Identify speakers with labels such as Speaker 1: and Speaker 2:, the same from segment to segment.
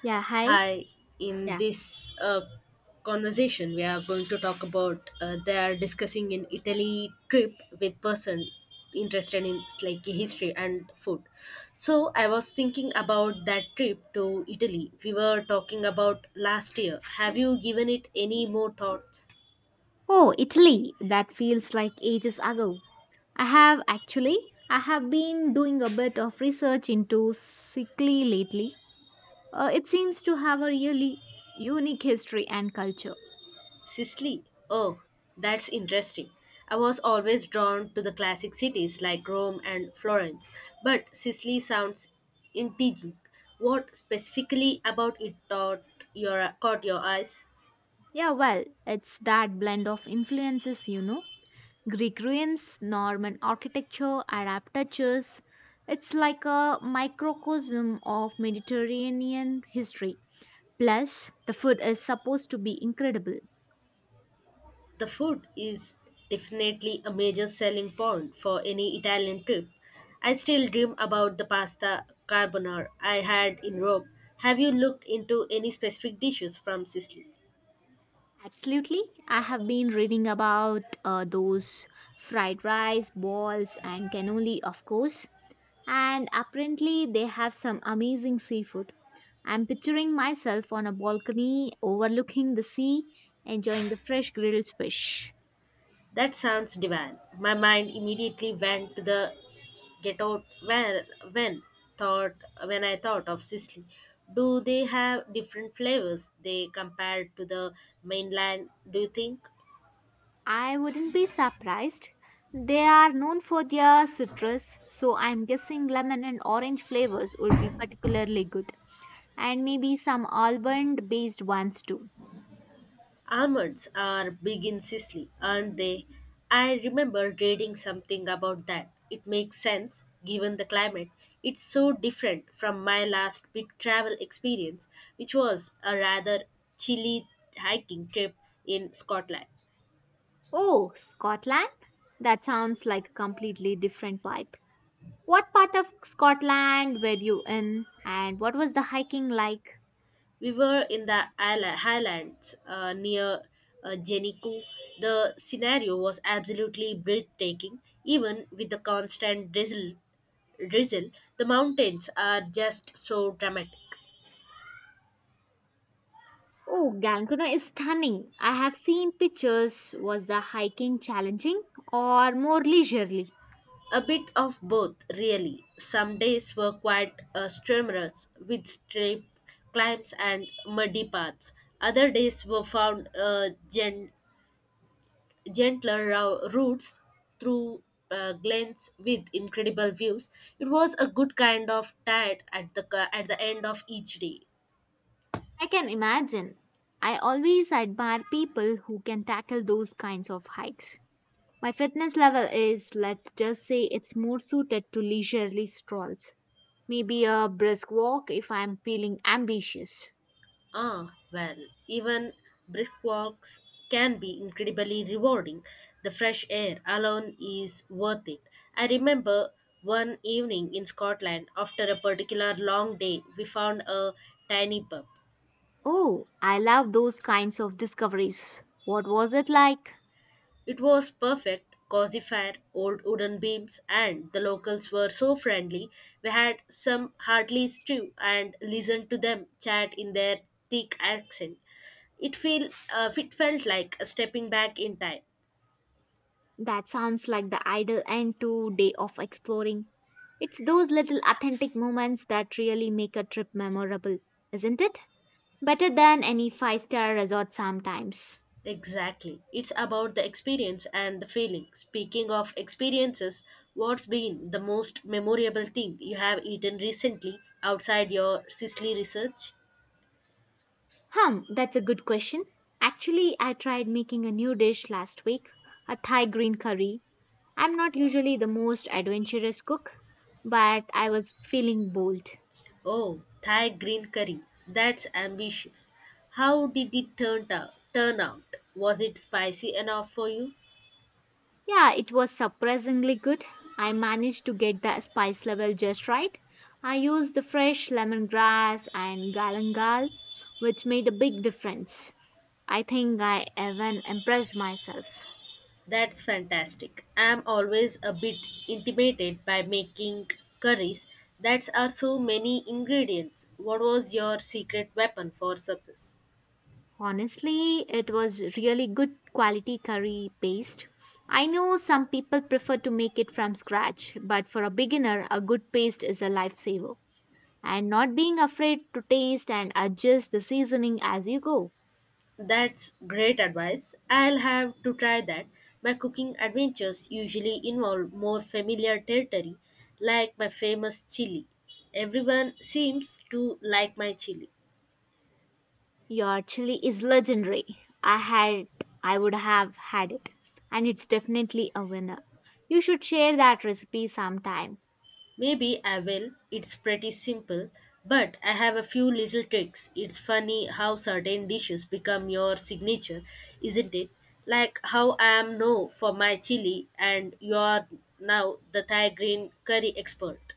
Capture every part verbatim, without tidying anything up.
Speaker 1: Yeah, hi.
Speaker 2: Hi, in
Speaker 1: Yeah.
Speaker 2: this uh, conversation, we are going to talk about uh, they are discussing an Italy trip with person interested in like history and food. So I was thinking about that trip to Italy. We were talking about last year. Have you given it any more thoughts?
Speaker 1: Oh, Italy. That feels like ages ago. I have actually, I have been doing a bit of research into Sicily lately. Uh, it seems to have a really unique history and culture.
Speaker 2: Sicily. Oh, that's interesting. I was always drawn to the classic cities like Rome and Florence, but Sicily sounds intriguing. What specifically about it taught your, caught your eyes?
Speaker 1: Yeah, well, it's that blend of influences, you know. Greek ruins, Norman architecture, Arab touches. It's like a microcosm of Mediterranean history. Plus, the food is supposed to be incredible.
Speaker 2: The food is definitely a major selling point for any Italian trip. I still dream about the pasta carbonara I had in Rome. Have you looked into any specific dishes from Sicily?
Speaker 1: Absolutely. I have been reading about uh, those fried rice balls and cannoli, of course. And apparently, they have some amazing seafood. I'm picturing myself on a balcony overlooking the sea, enjoying the fresh grilled fish.
Speaker 2: That sounds divine. My mind immediately went to the get out when when thought when I thought of Sicily. Do they have different flavors they compared to the mainland, do you think?
Speaker 1: I wouldn't be surprised. They are known for their citrus, so I'm guessing lemon and orange flavors would be particularly good. And maybe some almond based ones too.
Speaker 2: Almonds are big in Sicily, aren't they? I remember reading something about that. It makes sense given the climate. It's so different from my last big travel experience, which was a rather chilly hiking trip in Scotland.
Speaker 1: Oh, Scotland? That sounds like a completely different vibe. What part of Scotland were you in and what was the hiking like?
Speaker 2: We were in the isla- highlands uh, near uh, Jenico. The scenario was absolutely breathtaking, even with the constant drizzle. Drizzle, the mountains are just so dramatic.
Speaker 1: Oh, Gankuna is stunning. I have seen pictures. Was the hiking challenging or more leisurely?
Speaker 2: A bit of both, really. Some days were quite uh, strenuous, with steep climbs and muddy paths. Other days were found uh, gen- gentler rou- routes through uh, glens with incredible views. It was a good kind of tide at the ca- at the end of each day.
Speaker 1: I can imagine. I always admire people who can tackle those kinds of hikes. My fitness level is, let's just say, it's more suited to leisurely strolls. Maybe a brisk walk if I'm feeling ambitious.
Speaker 2: Ah, well, even brisk walks can be incredibly rewarding. The fresh air alone is worth it. I remember one evening in Scotland after a particular long day, we found a tiny pub.
Speaker 1: Oh, I love those kinds of discoveries. What was it like?
Speaker 2: It was perfect, cozy fire, old wooden beams, and the locals were so friendly. We had some hardly stew and listened to them chat in their thick accent. It feel uh, it felt like stepping back in time.
Speaker 1: That sounds like the ideal end to day of exploring. It's those little authentic moments that really make a trip memorable, isn't it? Better than any five-star resort sometimes.
Speaker 2: Exactly. It's about the experience and the feeling. Speaking of experiences, what's been the most memorable thing you have eaten recently outside your Sicily research?
Speaker 1: Hum, that's a good question. Actually, I tried making a new dish last week, a Thai green curry. I'm not usually the most adventurous cook, but I was feeling bold.
Speaker 2: Oh, Thai green curry. That's ambitious. How did it turn out? Turn out? Was it spicy enough for you?
Speaker 1: Yeah, it was surprisingly good. I managed to get the spice level just right. I used the fresh lemongrass and galangal, which made a big difference. I think I even impressed myself.
Speaker 2: That's fantastic. I'm always a bit intimidated by making curries that are so many ingredients. What was your secret weapon for success?
Speaker 1: Honestly, it was really good quality curry paste. I know some people prefer to make it from scratch, but for a beginner, a good paste is a lifesaver, and not being afraid to taste and adjust the seasoning as you go.
Speaker 2: That's great advice. I'll have to try that. My cooking adventures usually involve more familiar territory, like my famous chili. Everyone seems to like my chili.
Speaker 1: Your chili is legendary. I had I would have had it, and it's definitely a winner. You should share that recipe sometime.
Speaker 2: Maybe I will. It's pretty simple, but I have a few little tricks. It's funny how certain dishes become your signature, isn't it? Like how I am known for my chili and you're now the Thai green curry expert.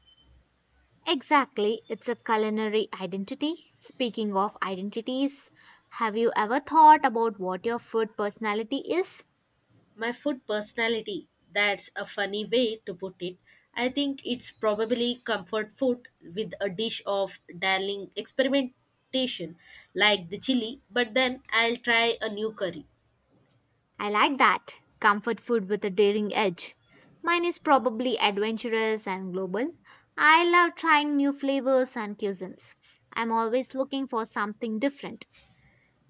Speaker 1: Exactly, it's a culinary identity. Speaking of identities, have you ever thought about what your food personality is?
Speaker 2: My food personality, that's a funny way to put it. I think it's probably comfort food with a dish of darling experimentation, like the chili, but then I'll try a new curry.
Speaker 1: I like that. Comfort food with a daring edge. Mine is probably adventurous and global. I love trying new flavors and cuisines. I'm always looking for something different.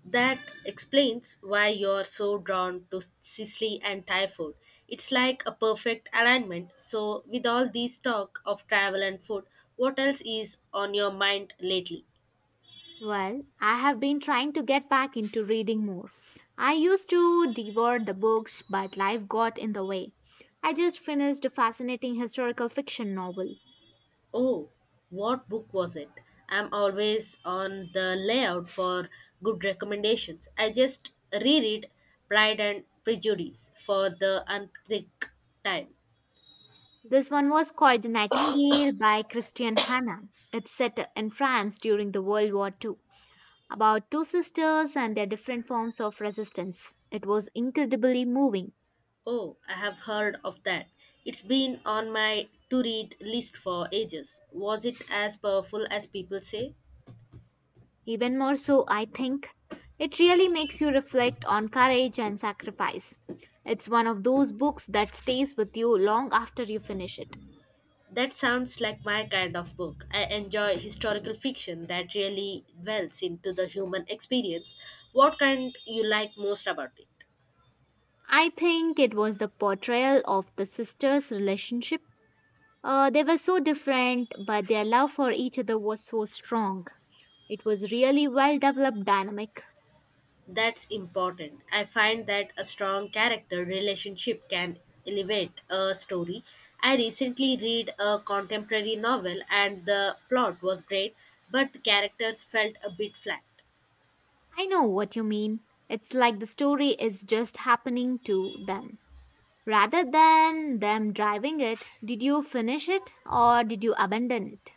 Speaker 2: That explains why you're so drawn to Sicily and Thai food. It's like a perfect alignment. So, with all this talk of travel and food, what else is on your mind lately?
Speaker 1: Well, I have been trying to get back into reading more. I used to devour the books, but life got in the way. I just finished a fascinating historical fiction novel.
Speaker 2: Oh, what book was it? I'm always on the layout for good recommendations. I just reread Pride and Prejudice for the unthink time.
Speaker 1: This one was called The Nightingale by Christian Hannah. It's set in France during the World War two, about two sisters and their different forms of resistance. It was incredibly moving.
Speaker 2: Oh, I have heard of that. It's been on my to read list for ages. Was it as powerful as people say?
Speaker 1: Even more so, I think. It really makes you reflect on courage and sacrifice. It's one of those books that stays with you long after you finish it.
Speaker 2: That sounds like my kind of book. I enjoy historical fiction that really dwells into the human experience. What kind you like most about it?
Speaker 1: I think it was the portrayal of the sisters' relationship. Uh, they were so different, but their love for each other was so strong. It was really well developed dynamic.
Speaker 2: That's important. I find that a strong character relationship can elevate a story. I recently read a contemporary novel and the plot was great, but the characters felt a bit flat.
Speaker 1: I know what you mean. It's like the story is just happening to them rather than them driving it. Did you finish it or did you abandon it?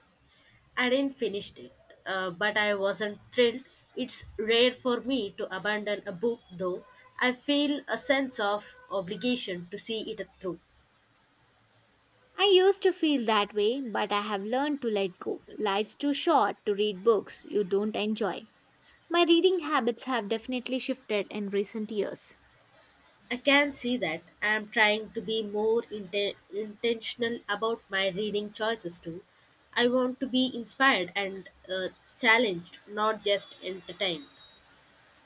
Speaker 2: I didn't finish it, uh, but I wasn't thrilled. It's rare for me to abandon a book, though. I feel a sense of obligation to see it through.
Speaker 1: I used to feel that way, but I have learned to let go. Life's too short to read books you don't enjoy. My reading habits have definitely shifted in recent years.
Speaker 2: I can see that. I am trying to be more inte- intentional about my reading choices too. I want to be inspired and uh, challenged, not just entertained.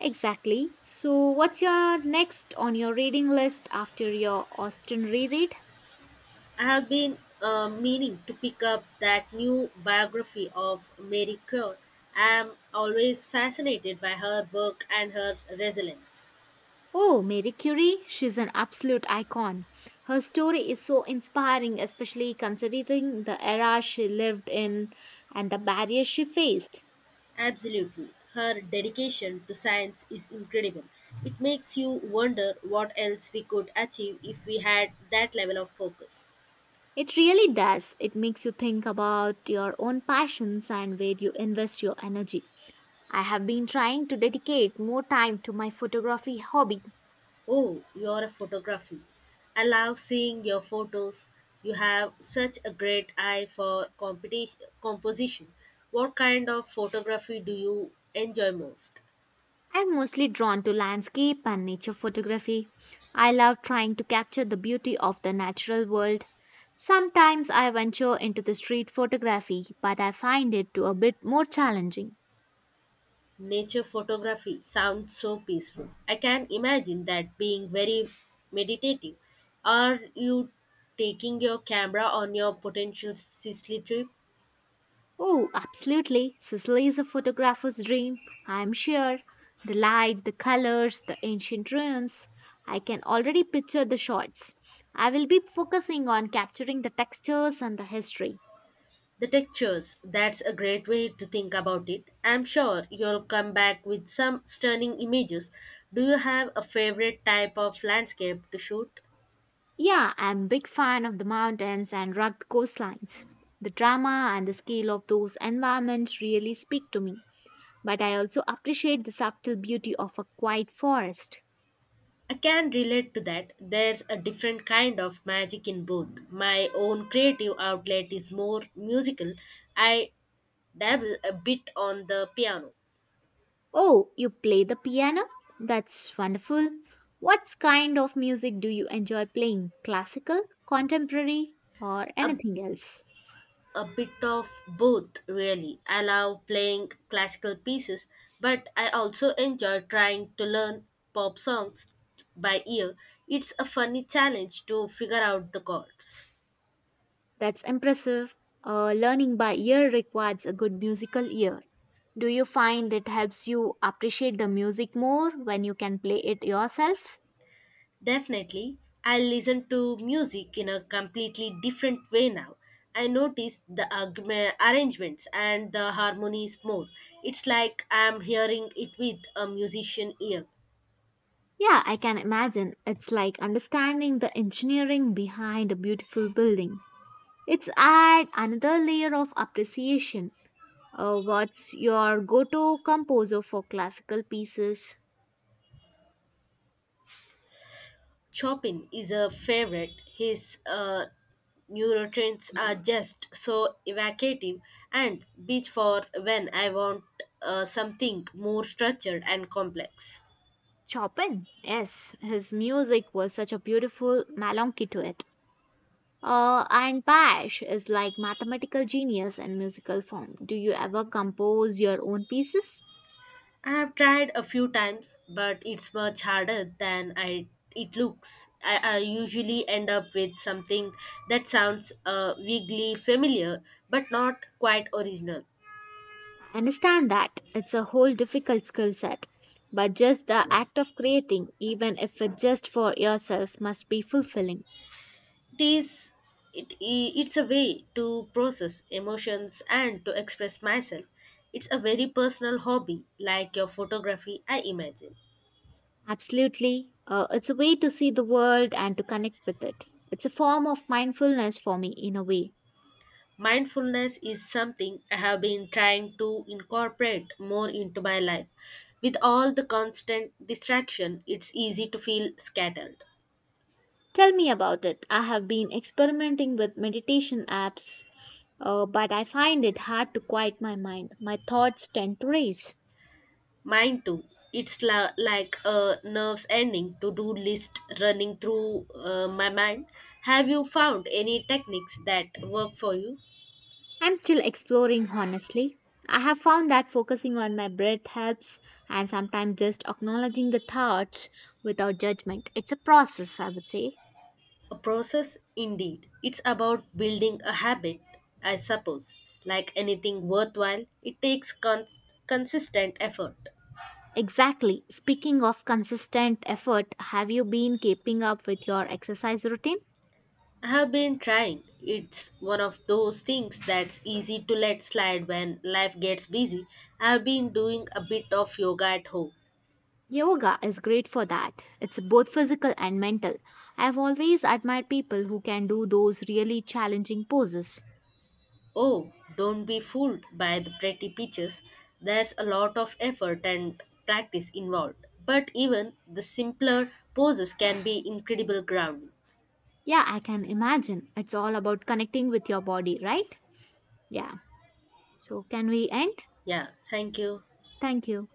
Speaker 1: Exactly. So, what's your next on your reading list after your Austin reread?
Speaker 2: I have been uh, meaning to pick up that new biography of Mary Curie. I am always fascinated by her work and her resilience.
Speaker 1: Oh, Marie Curie, she's an absolute icon. Her story is so inspiring, especially considering the era she lived in and the barriers she faced.
Speaker 2: Absolutely. Her dedication to science is incredible. It makes you wonder what else we could achieve if we had that level of focus.
Speaker 1: It really does. It makes you think about your own passions and where you invest your energy. I have been trying to dedicate more time to my photography hobby.
Speaker 2: Oh, you're a photography. I love seeing your photos. You have such a great eye for competi- composition. What kind of photography do you enjoy most?
Speaker 1: I'm mostly drawn to landscape and nature photography. I love trying to capture the beauty of the natural world. Sometimes I venture into the street photography, but I find it to a bit more challenging.
Speaker 2: Nature photography sounds so peaceful. I can imagine that being very meditative. Are you taking your camera on your potential Sicily trip?
Speaker 1: Oh, absolutely. Sicily is a photographer's dream, I'm sure. The light, the colors, the ancient ruins. I can already picture the shots. I will be focusing on capturing the textures and the history.
Speaker 2: The textures, that's a great way to think about it. I'm sure you'll come back with some stunning images. Do you have a favorite type of landscape to shoot?
Speaker 1: Yeah, I'm big fan of the mountains and rugged coastlines. The drama and the scale of those environments really speak to me, but I also appreciate the subtle beauty of a quiet forest.
Speaker 2: I can relate to that. There's a different kind of magic in both. My own creative outlet is more musical. I dabble a bit on the piano.
Speaker 1: Oh, you play the piano? That's wonderful. What kind of music do you enjoy playing? Classical, contemporary, or
Speaker 2: A,
Speaker 1: anything else?
Speaker 2: a bit of both, really. I love playing classical pieces, but I also enjoy trying to learn pop songs by ear. It's a funny challenge to figure out the chords.
Speaker 1: That's impressive. Uh, learning by ear requires a good musical ear. Do you find it helps you appreciate the music more when you can play it yourself?
Speaker 2: Definitely, I listen to music in a completely different way now. I notice the argu- arrangements and the harmonies more. It's like I'm hearing it with a musician ear.
Speaker 1: Yeah, I can imagine. It's like understanding the engineering behind a beautiful building. It's add another layer of appreciation. Uh, what's your go-to composer for classical pieces?
Speaker 2: Chopin is a favorite. His uh, neurotrains are just so evocative and beats for when I want uh, something more structured and complex.
Speaker 1: Chopin. Yes, his music was such a beautiful melancholy to it. Uh, and Pash is like mathematical genius in musical form. Do you ever compose your own pieces?
Speaker 2: I have tried a few times, but it's much harder than I it looks. I, I usually end up with something that sounds uh, vaguely familiar, but not quite original.
Speaker 1: Understand that it's a whole difficult skill set, but just the act of creating, even if it's just for yourself, must be fulfilling.
Speaker 2: It is it, I- it's a way to process emotions and to express myself. It's a very personal hobby, like your photography, I imagine.
Speaker 1: Absolutely. Uh, it's a way to see the world and to connect with it. It's a form of mindfulness for me in a way.
Speaker 2: Mindfulness is something I have been trying to incorporate more into my life. With all the constant distraction, it's easy to feel scattered.
Speaker 1: Tell me about it. I have been experimenting with meditation apps, uh, but I find it hard to quiet my mind. My thoughts tend to race.
Speaker 2: Mine too. It's la- like a nerves ending to do list running through uh, my mind. Have you found any techniques that work for you?
Speaker 1: I'm still exploring, honestly. I have found that focusing on my breath helps, and sometimes just acknowledging the thoughts without judgment. It's a process, I would say.
Speaker 2: A process, indeed. It's about building a habit, I suppose. Like anything worthwhile, it takes cons- consistent effort.
Speaker 1: Exactly. Speaking of consistent effort, have you been keeping up with your exercise routine?
Speaker 2: I have been trying. It's one of those things that's easy to let slide when life gets busy. I have been doing a bit of yoga at home.
Speaker 1: Yoga is great for that. It's both physical and mental. I've always admired people who can do those really challenging poses.
Speaker 2: Oh, don't be fooled by the pretty pictures. There's a lot of effort and practice involved. But even the simpler poses can be incredible grounding.
Speaker 1: Yeah, I can imagine. It's all about connecting with your body, right? Yeah. So, can we end?
Speaker 2: Yeah, thank you.
Speaker 1: Thank you.